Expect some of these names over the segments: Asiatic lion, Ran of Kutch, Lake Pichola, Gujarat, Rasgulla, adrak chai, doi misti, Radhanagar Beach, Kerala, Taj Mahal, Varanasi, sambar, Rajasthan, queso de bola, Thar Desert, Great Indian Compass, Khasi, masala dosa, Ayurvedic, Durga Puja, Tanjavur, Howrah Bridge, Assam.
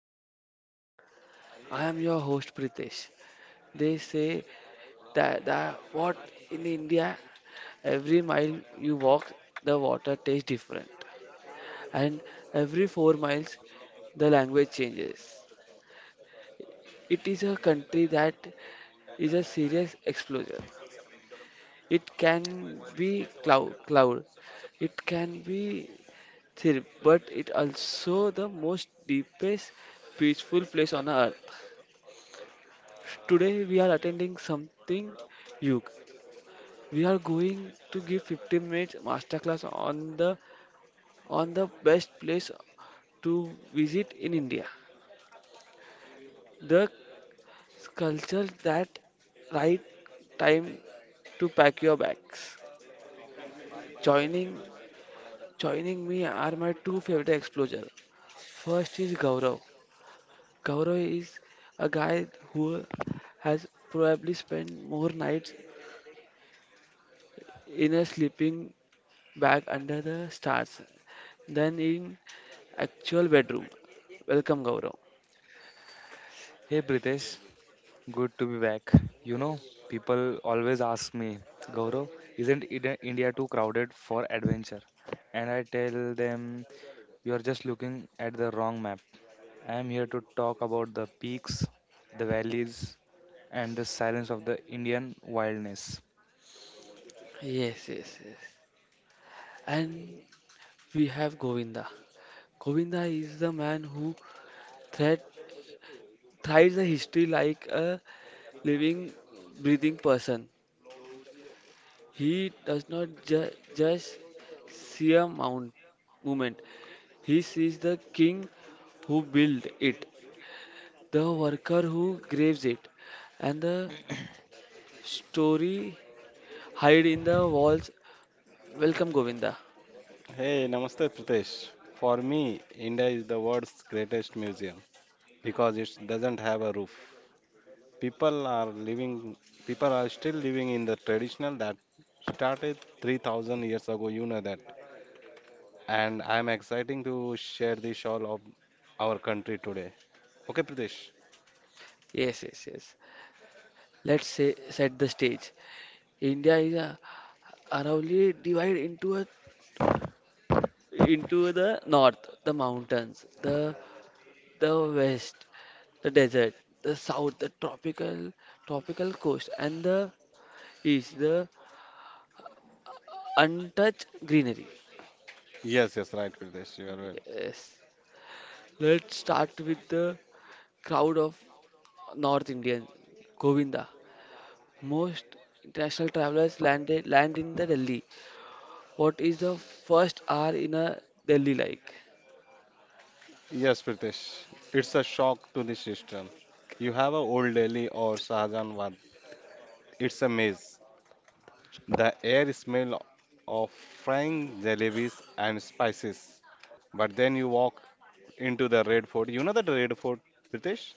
Compass. I am your host, Pritesh. They say that, that what in India, every mile you walk, the water tastes different, and every 4 miles, the language changes. It is a country that is a serious exposure. It can be cloud. It can be thirp, but it also the most deepest peaceful place on earth. Today we are attending something Yug. We are going to give 15 minutes masterclass on the best place to visit in India. The culture that right time to pack your bags. Joining joining me are my two favorite explorers. First is Gaurav. Gaurav is a guy who has probably spent more nights in a sleeping bag under the stars than in actual bedroom. Welcome, Gaurav. Hey Pritesh, good to be back. You know, people always ask me, Gaurav, isn't India too crowded for adventure? And I tell them, you're just looking at the wrong map. I am here to talk about the peaks, the valleys, and the silence of the Indian wilderness. Yes, yes, yes. And we have Govinda. Govinda is the man who thread, thrives a history like a living, breathing person. He does not just see a mount, movement. He sees the king who built it, the worker who graves it, and the story hide in the walls. Welcome, Govinda. Hey, Namaste Pritesh. For me, India is the world's greatest museum because it doesn't have a roof. People are living, people are still living in the traditional that started 3,000 years ago, you know that. And I'm exciting to share the shawl of our country today. Okay, Pritesh? Yes, yes, yes. Let's say, set the stage. India is aroundly divided into into the north, the mountains, the west, the desert, the south, the tropical coast, and the east, the untouched greenery. Yes, yes, right, Pritesh. You are well. Yes. Let's start with the crowd of North Indians. Govinda, most international travelers landed land in the Delhi. What is the first hour in a Delhi like? Yes, Pritesh. It's a shock to the system. You have a old Delhi or Shahjahanabad. It's a maze. The air smell of frying jalebis and spices. But then you walk into the Red Fort. You know that Red Fort, Pritesh?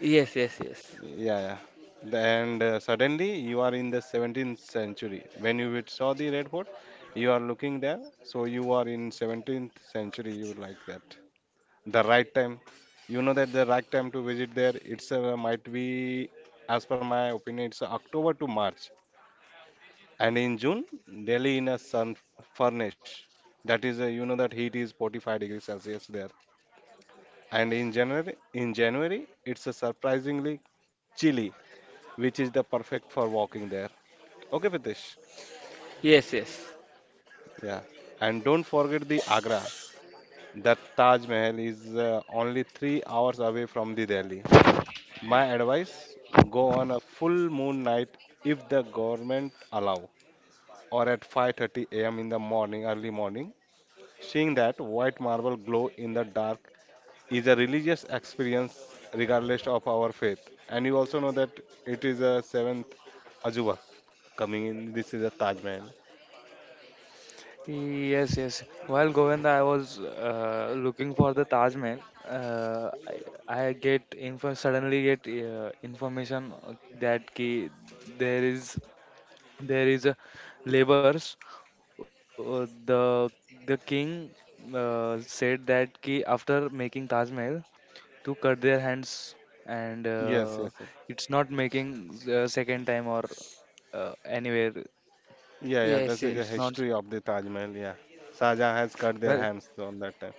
Yes, yes, yes, Yeah, yeah. And suddenly you are in the 17th century. When you would saw the Red Fort, you are looking there. So you are in 17th century. You like that. The right time. You know that the right time to visit there. It's might be, as per my opinion, it's October to March. And in June, Delhi in a sun furnash. That is, you know that heat is 45 degrees Celsius there. And in January, it's a surprisingly chilly, which is the perfect for walking there. Okay, Pritesh? yes, yes, Yeah. And don't forget the Agra. That Taj Mahal is only 3 hours away from the Delhi. My advice: go on a full moon night if the government allow, or at 5:30 a.m. in the morning, early morning, seeing that white marble glow in the dark is a religious experience regardless of our faith. And you also know that it is a seventh Ajuba coming in. This is a Taj Mahal. Yes, yes. While Govinda, I was looking for the Taj Mahal. Uh, I get info suddenly get information that ki there is there is a labors. The king said that ki after making Taj Mahal to cut their hands and Yes, yes, yes. it's not making second time or anywhere. Yeah, yeah, yes, this is a It's not. yes, history of the Taj Mahal. Yeah. Saja has cut their Well. hands on that time.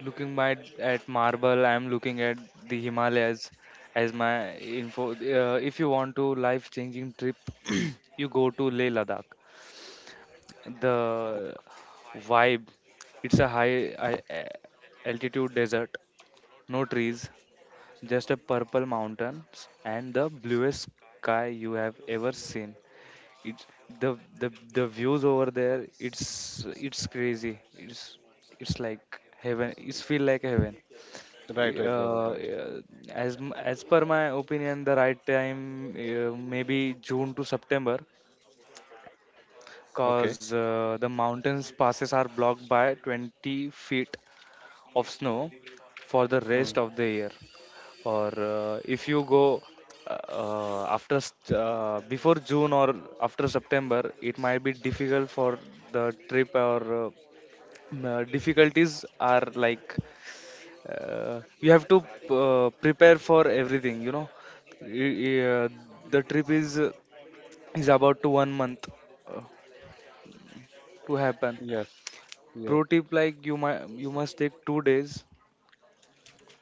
Looking my, at marble, I'm looking at the Himalayas as my info. If you want to life-changing trip, you go to Leh Ladakh. Okay. The vibe, it's a high altitude desert, no trees, just a purple mountains and the bluest sky you have ever seen. It's the views over there. It's crazy. It's like heaven. It's feel like heaven. Uh, Right, yeah, right, Gaurav, right. uh, as as per my opinion, the right time maybe June to September, cause Okay. The mountains passes are blocked by 20 feet of snow for the Hmm. rest of the year or if you go before june or after september it might be difficult for the trip or difficulties are like you have to prepare for everything, you know. Y- y- uh, the trip is about to 1 month uh, to happen. Yes, Pro yes. tip, like, you might you must take 2 days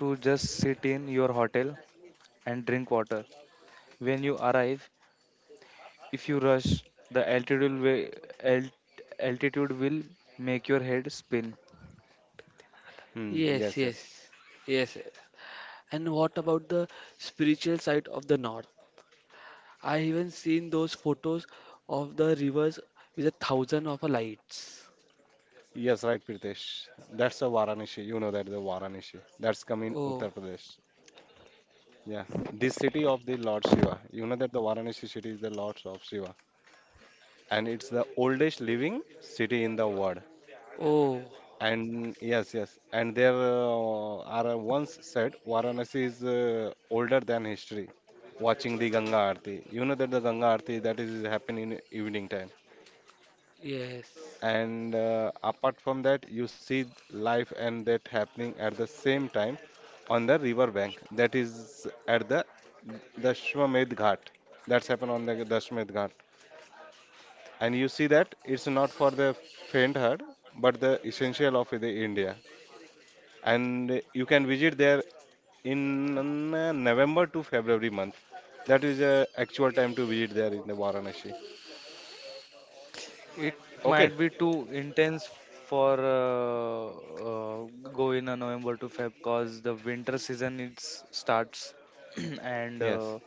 to just sit in your hotel and drink water. When you arrive, if you rush, the altitude will, alt, altitude will make your head spin. Hmm. yes, Yes, yes. yes, yes, yes. And what about the spiritual side of the North? I even seen those photos of the rivers with a thousand of lights. Yes, right, Pritesh. That's a Varanasi. You know that the Varanasi. That's coming Oh, Uttar Pradesh. Yeah, this city of the Lord Shiva. You know that the Varanasi city is the Lord of Shiva, and it's the oldest living city in the world. oh, And yes, yes, and there are once said Varanasi is older than history. Watching the Ganga Aarti, you know that the Ganga Aarti that is happening in evening time. yes, And apart from that, you see life and death happening at the same time on the river bank that is at the Dashwamedh Ghat. That's happened on the Dashwamedh Ghat. And you see that it's not for the faint heart, but the essential of the India. And you can visit there in November to February month. That is the actual time to visit there in the Varanasi. It Okay. might be too intense for go in a November to Feb because the winter season it starts and Yes.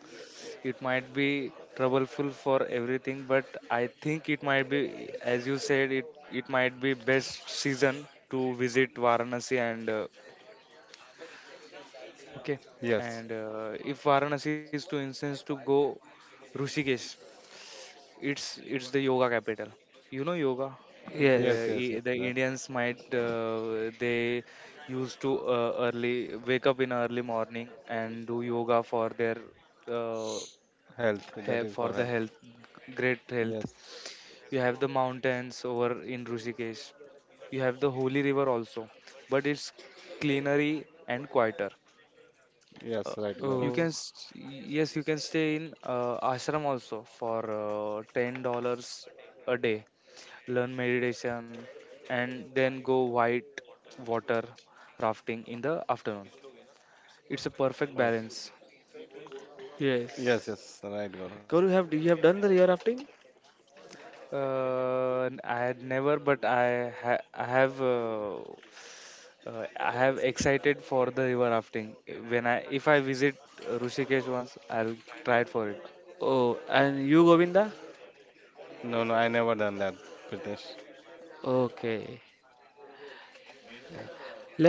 it might be troubleful for everything. But I think it might be, as you said, it might be best season to visit Varanasi and okay, Yes. and if Varanasi is to instance to go Rishikesh, it's the yoga capital. You know yoga. The Yes. yes. Yes. Yes. the That Indians might they used to early wake up in early morning and do yoga for their uh, health. That is for for the health. health, great health. Yes. You have the mountains over in Rishikesh. You have the holy river also, but it's cleanery and quieter. uh, Yes. Right, you Gaurav. Oh, can yes you can stay in ashram also for $10 a day, learn meditation and then go white water rafting in the afternoon. It's a perfect Oh. balance. Yes. yes. Yes. Right, Gaurav. Karu, have you have done the rear rafting? uh, I had never, but I have uh, I have excited for the river rafting when I if I visit rishikesh, once I'll try it for it. Oh, and you, Govinda? No, no, I never done that, Pritesh. Okay.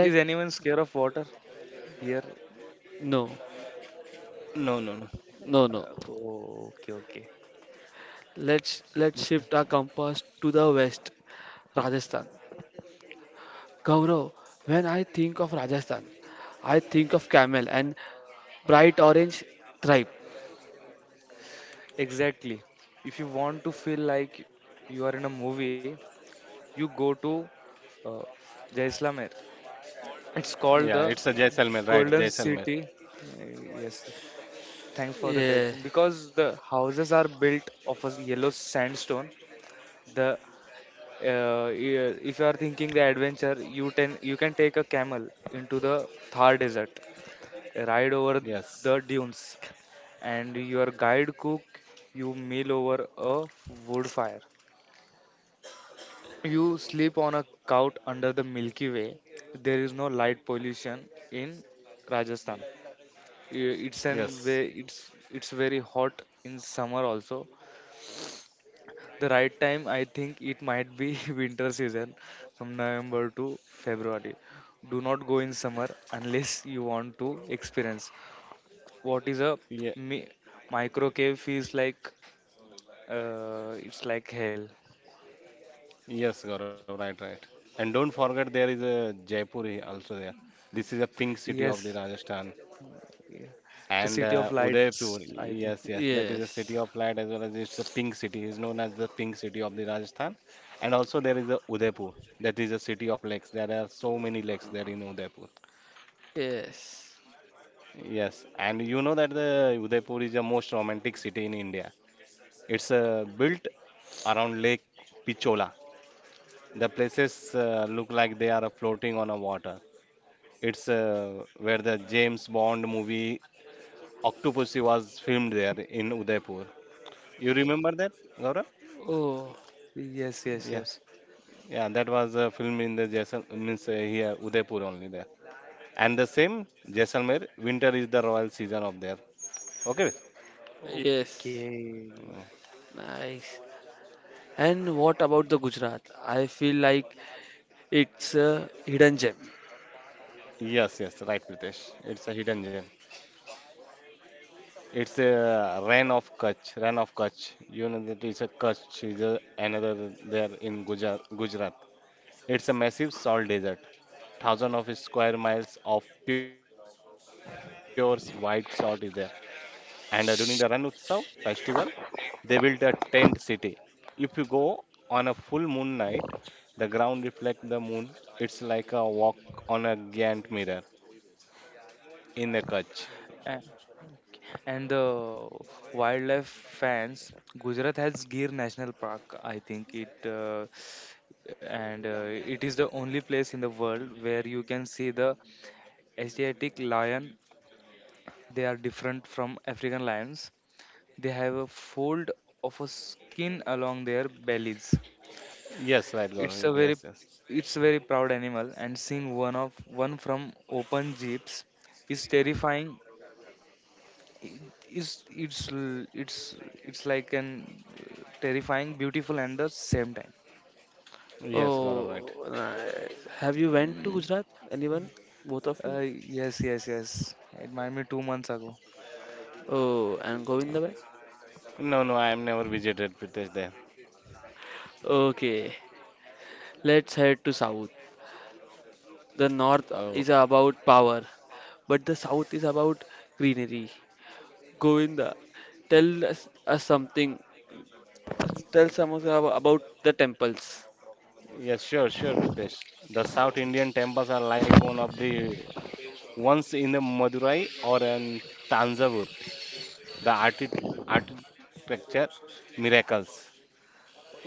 Is anyone scared of water here? no, No, no, no. no, no. Oh, okay, okay. Let's This can- shift our compass to the west, Rajasthan. Gaurav, when I think of Rajasthan, I think of camel and bright orange tribe. Exactly. If you want to feel like you are in a movie, you go to uh, Jaisalmer. It's Yeah, called it's the a Jaisalmer, right? Golden Jaisalmer. City. Uh, yes, yes. Thanks for the Yeah, correction. Because the houses are built of a yellow sandstone. The if you are thinking the adventure, you can take a camel into the Thar Desert, ride over Yes, the dunes, and your guide cook you meal over a wood fire. You sleep on a couch under the Milky Way. There is no light pollution in Rajasthan. It's an way yes, it's very hot in summer also. The right time I think it might be winter season from November to February. Do not go in summer unless you want to experience what is a yeah, mi- micro cave feels like. It's like hell. yes, Gaurav, right, right. And don't forget there is a Jaipur also there. This is a pink city Yes, of the Rajasthan. yeah. The And City of uh, Lights, Udaipur, I think. yes, yes, that is a city yes, of light as well as it's a pink city. It's known as the pink city of the Rajasthan. And also there is a Udaipur, that is a city of lakes. There are so many lakes there in Udaipur. yes. Yes, and you know that the Udaipur is the most romantic city in India. It's built around Lake Pichola. The places look like they are floating on a water. It's where the James Bond movie Octopussy was filmed there in Udaipur. You remember that, Gaurav? Oh, Yes, yes, Yeah, yes. yeah, that was a film in the Jaisal means here Udaipur only there. And the same Jaisalmer, winter is the royal season of there. Okay. yes. Okay. Nice. And what about the Gujarat? I feel like it's a hidden gem. Yes, yes, right, Pritesh. It's a hidden gem. It's a Ran of Kutch. Ran of Kutch. You know that it's a Kutch. Is a, another there in Gujarat. It's a massive salt desert. Thousand of square miles of pure white salt is there. And during the Ran Utsav festival, they built a tent city. If you go on a full moon night, the ground reflects the moon. It's like a walk on a giant mirror in the Kutch. A- And the wildlife fans, Gujarat has Gir National Park, I think it, and it is the only place in the world where you can see the Asiatic lion. They are different from African lions. They have a fold of a skin along their bellies. Yes, right, It's a Gaurav. very Yes, yes. it's a very proud animal, and seeing one of one from open jeeps is terrifying. It- it's l- It's like an terrifying, beautiful and the same time. Yes, Gaurav, right. Oh, nice. Have you went to Mm, Gujarat? Anyone? Both of Uh, you? yes, yes, yes. It might me 2 months ago. Oh, and Uh, Govindabhai? No, no, I am never visited Pritesh there. Okay, let's head to south. The north Oh, is about power, but the south is about greenery. Govinda, tell us something. Tell something about the temples. yes, sure, sure, Pritesh. The South Indian temples are like one of the ones in the Madurai or in Tanjavur. The architecture miracles.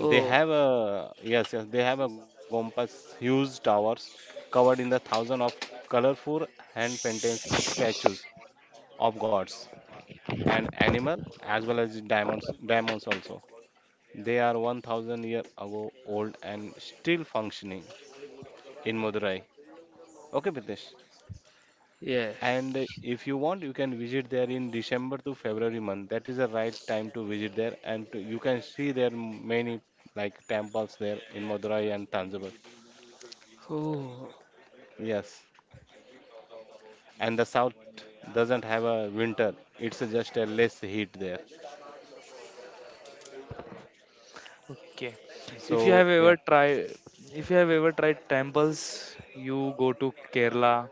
They have a Yes, yes. They have a Gompas huge towers covered in the thousand of colorful hand painted statues of gods and animal as well as diamonds also. They are 1,000 year ago old and still functioning in Madurai. Okay, Pritesh. And yes. uh, if you want, you can visit there in December to February month. That is the right time to visit there, and you can see there many like temples there in Madurai and Tanjavur. Oh, Yes, and the south doesn't have a winter. It's just a less heat there. Okay. If you So have yeah, ever tried, If you have ever tried temples, you go to Kerala.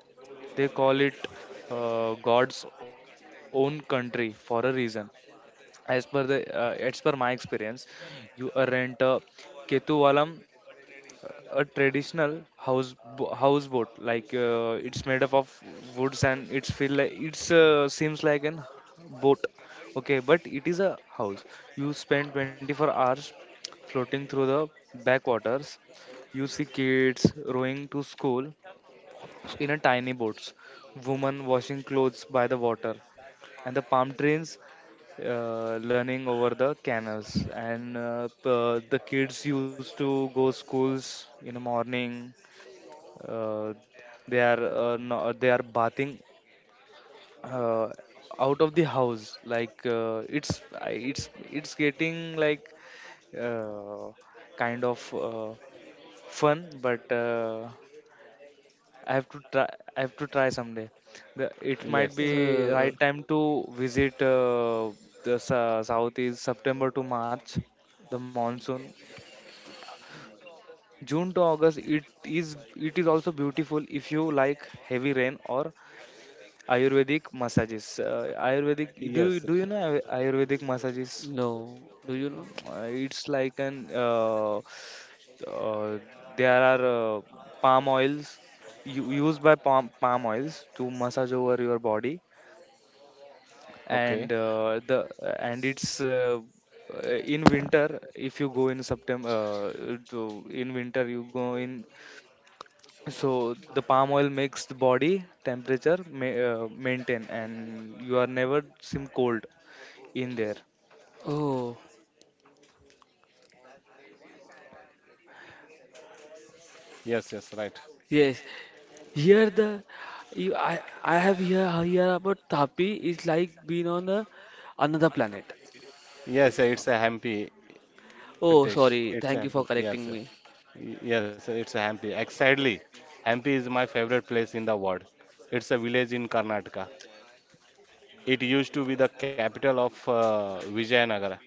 They call it God's own country for a reason. As per the as per my experience, you rent a ketuvalam, uh, a traditional houseboat, like, it's made up of woods and it's feel like it's seems like an boat, okay, but it is a house. You spend 24 hours floating through the backwaters. You see kids rowing to school in a tiny boats, women washing clothes by the water, and the palm trees learning over the canals, and the kids used to go schools in the morning. Uh, they are No, they are bathing uh, out of the house, like, it's getting like uh, kind of fun, but I have to try. I have to try someday. The, it might yes, be uh, right time to visit the s- south is September to March, the monsoon. June to August. It is. It is also beautiful if you like heavy rain or Ayurvedic massages. Ayurvedic. yes. Do you know Ayurvedic massages? no. Do you know? It's like an. Uh, there are palm oils used by palm oils to massage over your body, Okay, and the and it's in winter if you go in september in winter you go in, so the palm oil makes the body temperature maintain, and you are never seem cold in there. Oh, yes, yes, right. yes. Here the you, I have here about Tapi is like being on a, another planet. Yes, it's a Hampi, Oh, Pritesh. sorry. It's a Thank you for Hampi. correcting Yes, yes. me. Yes, it's Hampi. Hampi is my favorite place in the world. It's a village in Karnataka. It used to be the capital of Vijayanagara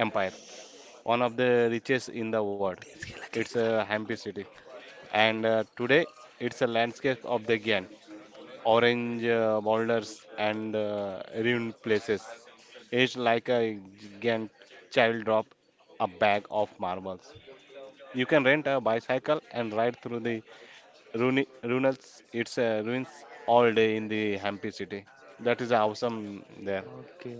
Empire, one of the richest in the world. It's a Hampi city. And today, it's a landscape of the Gyan. Orange boulders and ruined places. It's like a giant child drop a bag of marbles. You can rent a bicycle and ride through the it's ruins all day in the Hampi city. That is awesome there. Okay,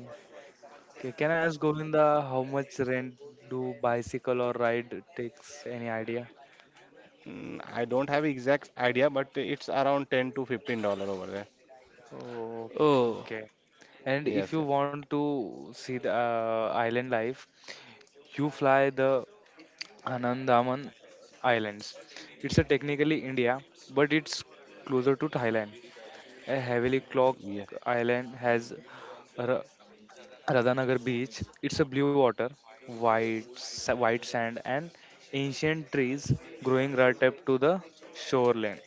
okay, can I ask govinda how much rent do bicycle or ride takes, any idea? I don't have exact idea, but it's around $10 to $15 over there. Okay, Oh, okay. And Yes, if yes. you want to see the island life, you fly the Anandaman Islands. It's a technically India, but it's closer to Thailand. A heavily Yeah. clock island has Ra- Radhanagar Beach. It's a blue water, white sand, and ancient trees growing right up to the shoreline.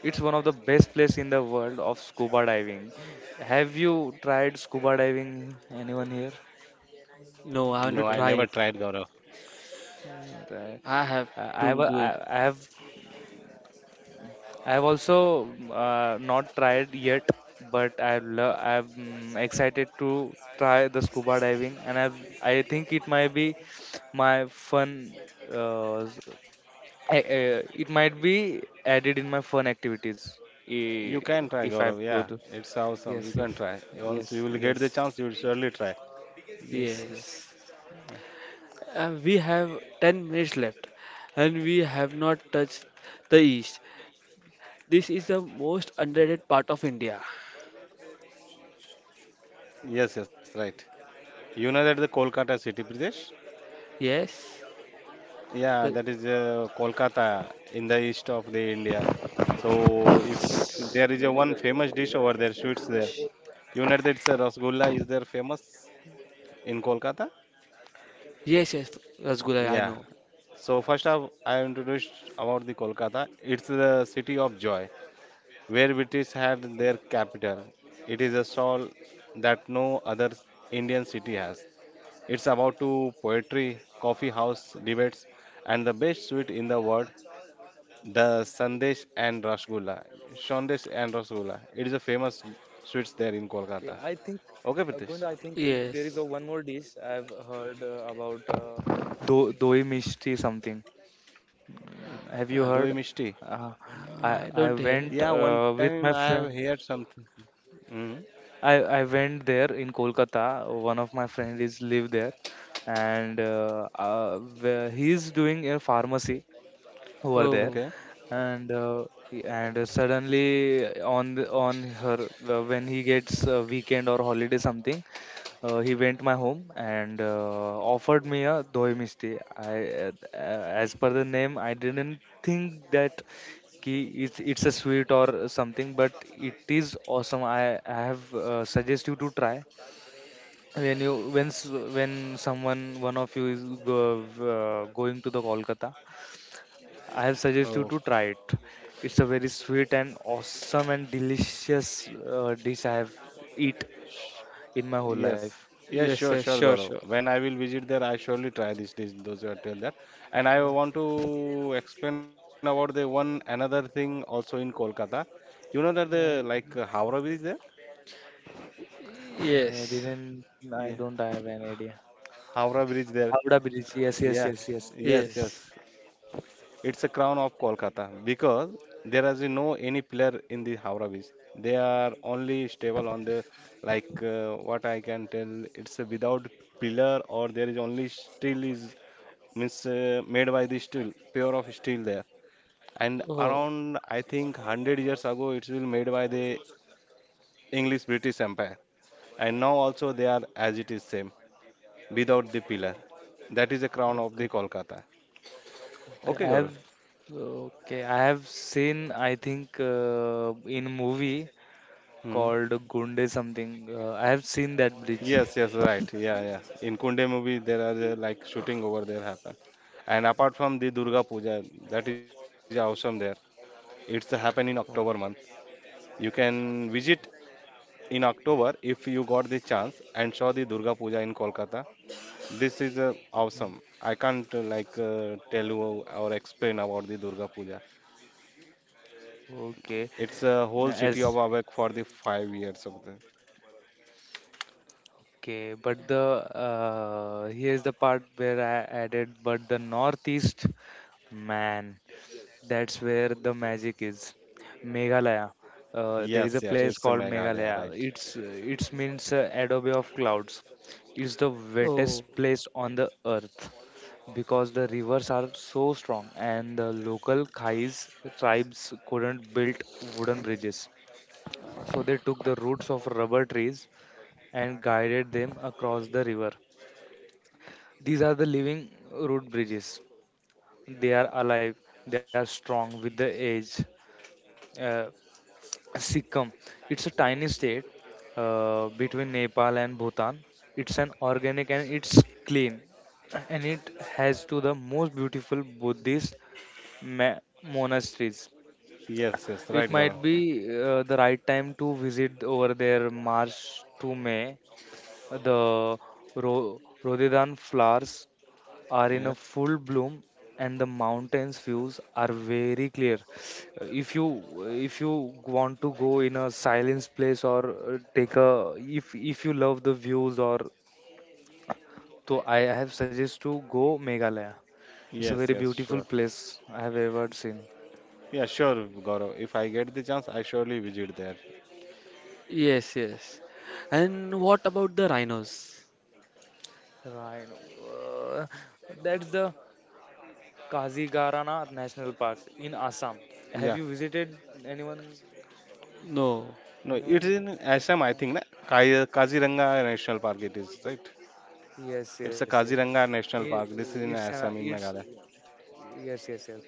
It's one of the best place in the world of scuba diving. Have you tried scuba diving? Anyone here? no, I want No, to I try Pritesh? never it. tried Gaurav. Uh, I have I to do it. I have. I have also not tried yet, but I love. I'm mm, excited to try the scuba diving, and I think it might be my fun. Uh, s- it might be added in my fun activities. i- You can try if I Gaurav. go Yeah, to. it's awesome. You Yes, can yes, try. Once yes, you will get yes, the chance, you will surely try. yes, yes. Yes. We have 10 minutes left and we have not touched the east. This is the most underrated part of India. Yes, yes, right. You know that the Kolkata city, Pradesh? Yes. Yeah, The, that is Kolkata in the east of the India. So if there is a one famous dish over there, sweets there. You know that it's a rasgulla is there famous in Kolkata? yes, yes, Rasgulla, I Yeah. know. So first of I introduced about the Kolkata. It's the city of joy, where British had their capital. It is a soul that no other Indian city has. It's about to poetry, coffee house debates, and the best sweet in the world. The Sandesh and Rasgulla. Sandesh and Rasgulla. It is a famous Okay, I sweets think there in Kolkata. Govinda, I Okay, think it, Pritesh. there is a one Yes. more dish I've heard about do doi mishti something. Doi Have you Mishti. Um, heard? Uh, Uh, I I don't Yeah, hear. went one time with I my have friend. heard something. Hmm. I I went there in Kolkata. One of my friend is live there, and where he's doing a pharmacy over there, Oh, Okay. and and suddenly on her when he gets a weekend or holiday something, he went my home and offered me a doi misti. As per the name, I didn't think that ki it's a sweet or something, but it is awesome. I have suggest you to try when you when someone one of you going to the Kolkata. I have suggest you Oh, to try it. It's a very sweet and awesome and delicious dish I have eat in my whole life. yes. Yes, yes, sure, yes, sure, sure, Gaurav. sure. When I will visit there, I surely try this dish, those who are tell that. And I want to explain about the one another thing also in Kolkata. You know that the Uh, like Howrah Bridge there? Yes, didn't I Yeah, don't have an idea. Howrah Bridge there. Havda Bridge. Yes, Yeah, yes, yes, yes, yes, yes, yes. yes. yes. It's a crown of Kolkata because there is no any pillar in the Howrah beach. They are only stable on the like what I can tell. It's a without pillar or there is only steel is means made by the steel, pure of steel there. And Oh, around I think 100 years ago it will made by the English British Empire. And now also they are as it is same without the pillar. That is the crown of Okay, the Kolkata. okay. Okay, I Gaurav. have okay. I have seen. I think in a movie Hmm. called Gunde something. I have seen that bridge. Yes, yes, right. Yeah, yeah. In Kunde movie, there are like shooting over there happen. And apart from the Durga Puja, that is awesome there. It's happen in October month. Okay. You can visit in October if you got the chance and saw the Durga Puja in Kolkata. This is awesome. I can't like tell you or explain about the Durga Puja. Okay. It's a whole city As of awake for the 5 years of the. Okay, but the here's the part where I added, but the northeast, man. That's where the magic is. Meghalaya. There is Yes, a yes, place it's a called Meghalaya, Meghalaya. right? It's means Adobe of clouds. It's the oh, wettest place on the earth because the rivers are so strong and the local Khais tribes couldn't build wooden bridges. So they took the roots of rubber trees and guided them across the river. These are the living root bridges. They are alive, they are strong with the age. Uh, Sikkim. It's a tiny state between Nepal and Bhutan. It's an organic and it's clean, and it has to the most beautiful Buddhist monasteries. Yes, yes, right, It might Gaurav. be the right time to visit over there, March to May. The rhododendron flowers are in Yeah. a full bloom and the mountains views are very clear. Uh, if you if you want to go in a silence place or take a, if you love the views or so, I have suggest to go meghalaya. It's a Yes, very yes, beautiful sure. place I have ever seen. Yeah, sure, Gaurav. If I get the chance, I surely visit there. yes, yes. And what about the rhinos? Rhino. Uh, that's the kazigarana national park in assam. Yeah. Have you visited, anyone? No. No, it is Anonymous. in Assam, I think, na? Kaziranga National Park it is, right? Yes, It's yes, a yes. Kaziranga National I- Park. This is in It's an Assam, in it's, Meghalaya. yes, yes, yes.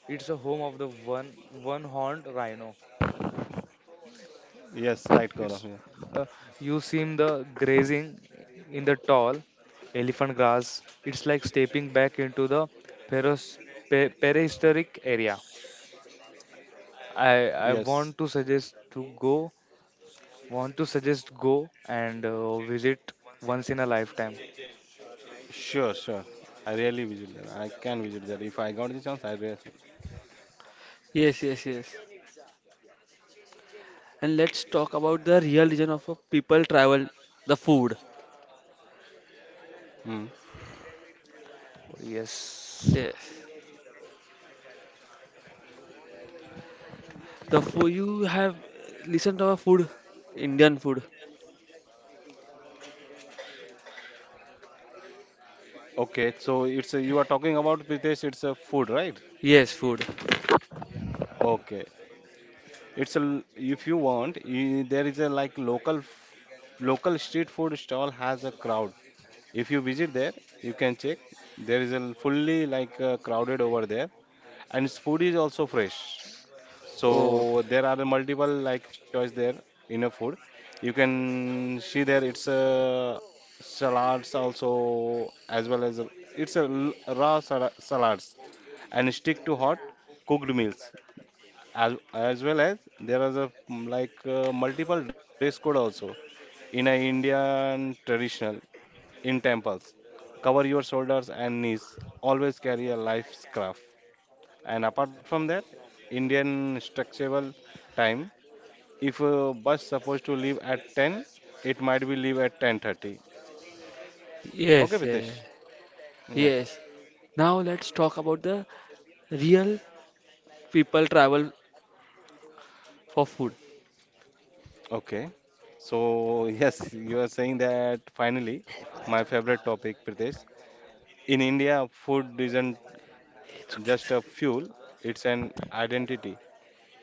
It's a home of the one horned rhino. Yes, right, It's Gaurav. Yeah. uh, you seen the grazing in the tall elephant grass. It's like stepping back into the peros, prehistoric area. I I want to Yes. suggest to go, want to suggest go and visit once in a lifetime. Sure, sure. I really visit there. I can visit there. If I got the chance, I really. Yes, yes, yes. And let's talk about the real reason of a people travel, the food. Hmm. Yes. Yes. The food you have listened to our food, Indian food. Okay, so it's you are talking about Pritesh, it's a food, right? Yes, food. Okay, it's a if you want, there is a like local local street food stall has a crowd. If you visit there, you can check. There is a fully like crowded over there, and its food is also fresh. Oh, So there are a multiple like choice there in a food. You can see there it's a salads also, as well as it's a raw salads and stick to hot cooked meals. As well as there is a like multiple dress code also in a Indian traditional. In temples cover your shoulders and knees. Always carry a life scarf. And apart from that, Indian structural time, if a bus supposed to leave at 10, it might be leave at 10:30. Okay, yes, yeah, Pritesh? Yeah. yes. Now let's talk about the real people travel for food. Okay. So yes, you are saying that finally, my favorite topic, Pritesh. In India, food isn't just a fuel, it's an identity.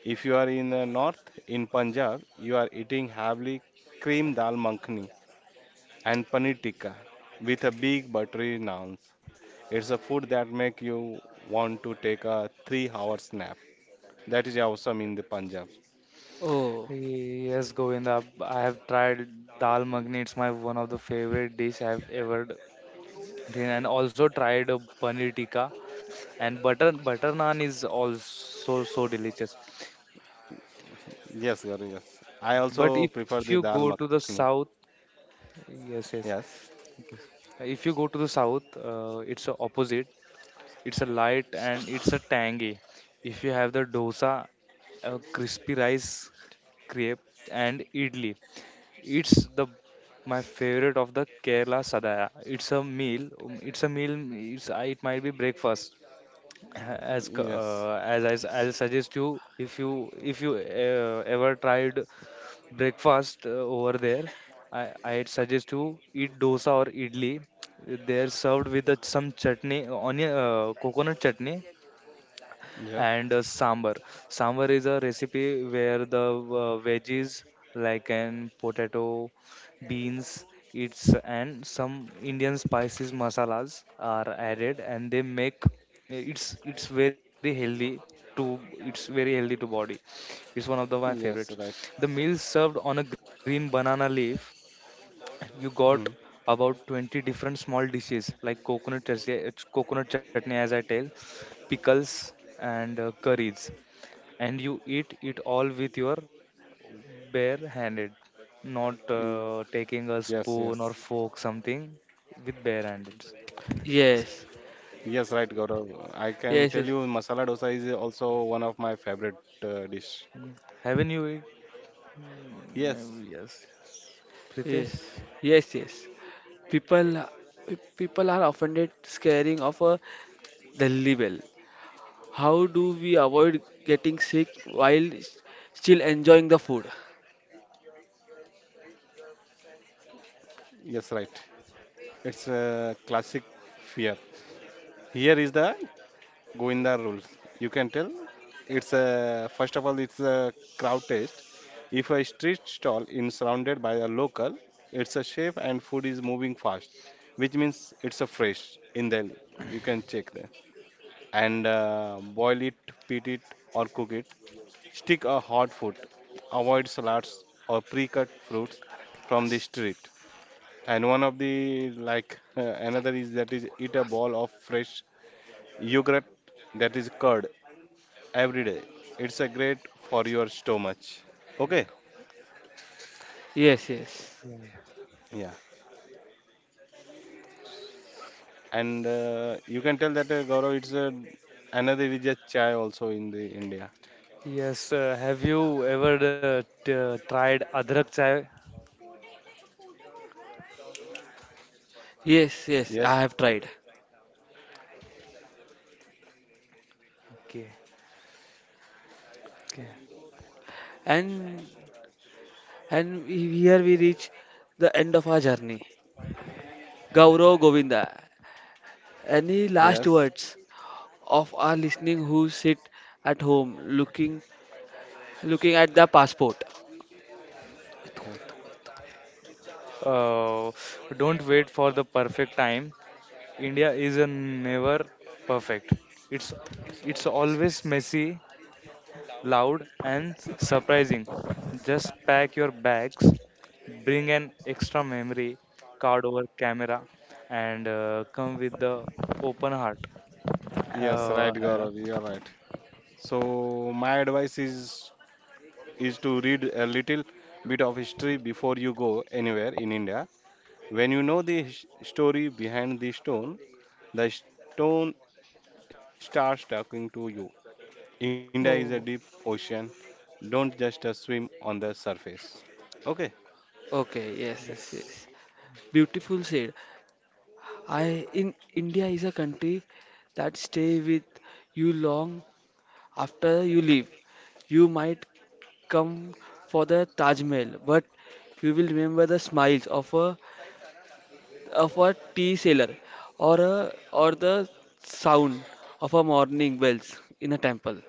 If you are in the north, in Punjab, you are eating heavily cream dal makhani and paneer tikka with a big buttery naan. It's a food that make you want to take a 3-hour nap. That is awesome in the Punjab. Oh, Yes, Govinda, I have tried dal makhni. It's my one of the favorite dish I've ever done, and also tried a paneer tikka. And butter naan is also so delicious. Yes, Gauri, yes. I also But if prefer you the dal go to the makhani. south, yes, yes, Yes, yes. If you go to the south, it's a opposite. It's a light and it's a tangy. If you have the dosa, a crispy rice crepe and idli, it's the my favorite of the Kerala sadaya. It's a meal. It's a meal. It might be breakfast, as co- yes, as I, s- I'll suggest you, if you if you ever tried breakfast over there, I'd suggest you eat dosa or idli. They're served with the, some chutney, onion, coconut chutney, yeah, and sambar. Sambar is a recipe where the veggies like an potato, beans, it's and some Indian spices masalas are added, and they make it's very healthy to, it's very healthy to body. It's one of the my yes, favorites. right. The meal served on a green banana leaf, you got Hmm. about 20 different small dishes like coconut chutney, it's coconut chutney as I tell, pickles and curries, and you eat it all with your bare handed, not Yes, yes. taking a spoon or fork something, with bare handed. yes, Yes, right, Gaurav. I can tell you yes, yes, masala dosa is also one of my favorite dish. Mm. Haven't you eat? Yes, Yeah, yes, yes, Pritesh. yes, yes. People, people are offended scaring of a Delhi bell. How do we avoid getting sick while still enjoying the food? yes, right. It's a classic fear. Here is the Goinda rules. You can tell. It's a first of all, it's a crowd taste. If a street stall is surrounded by a local, it's a shape and food is moving fast, which means it's a fresh in Delhi. You can check that and boil it, pit it, or cook it. Stick a hot food. Avoid salads or pre-cut fruits from the street. And one of the like another is that is eat a bowl of fresh yogurt that is curd every day. It's a great for your stomach. Okay, Yes, yes, Yeah, yeah. yeah. And you can tell that Gaurav, it's another is a chai also in the India. Yes, have you ever t- tried adrak chai? yes, yes. I Yes, have tried, Okay. Okay. and here we reach the end of our journey. Gaurav Govinda, any last yes. words? Of our listening who sit at home looking at the passport. Okay. Uh, don't wait for the perfect time. India is a never perfect. It's it's always messy, loud, and surprising. Just pack your bags, bring an extra memory card over camera, and come with the open heart. Uh, Yes, right, uh, Gaurav, you are right. So my advice is to read a little bit of history before you go anywhere in India. When you know the story behind the stone starts talking to you. India is a deep Oh, ocean. Don't just swim on the surface. Okay. okay, yes, yes, yes, yes. Beautiful said. I in India is a country that stay with you long after you leave. You might come for the Taj Mahal, but you will remember the smiles of a tea seller or the sound of a morning bells in a temple.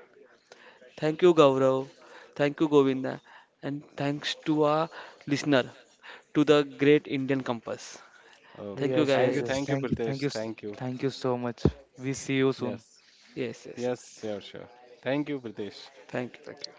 Thank you, Gaurav. Thank you, Govinda. And thanks to our listener, to the great Indian Compass. Thank Okay. you, yes, Thank you. yes, yes. Thank you, guys. Thank you, Pritesh. Thank you. thank you so much. We see you soon. Yes. Yes, yes, Yes. yes. Sure. Sure. Thank you, Pritesh. Thank you, thank you.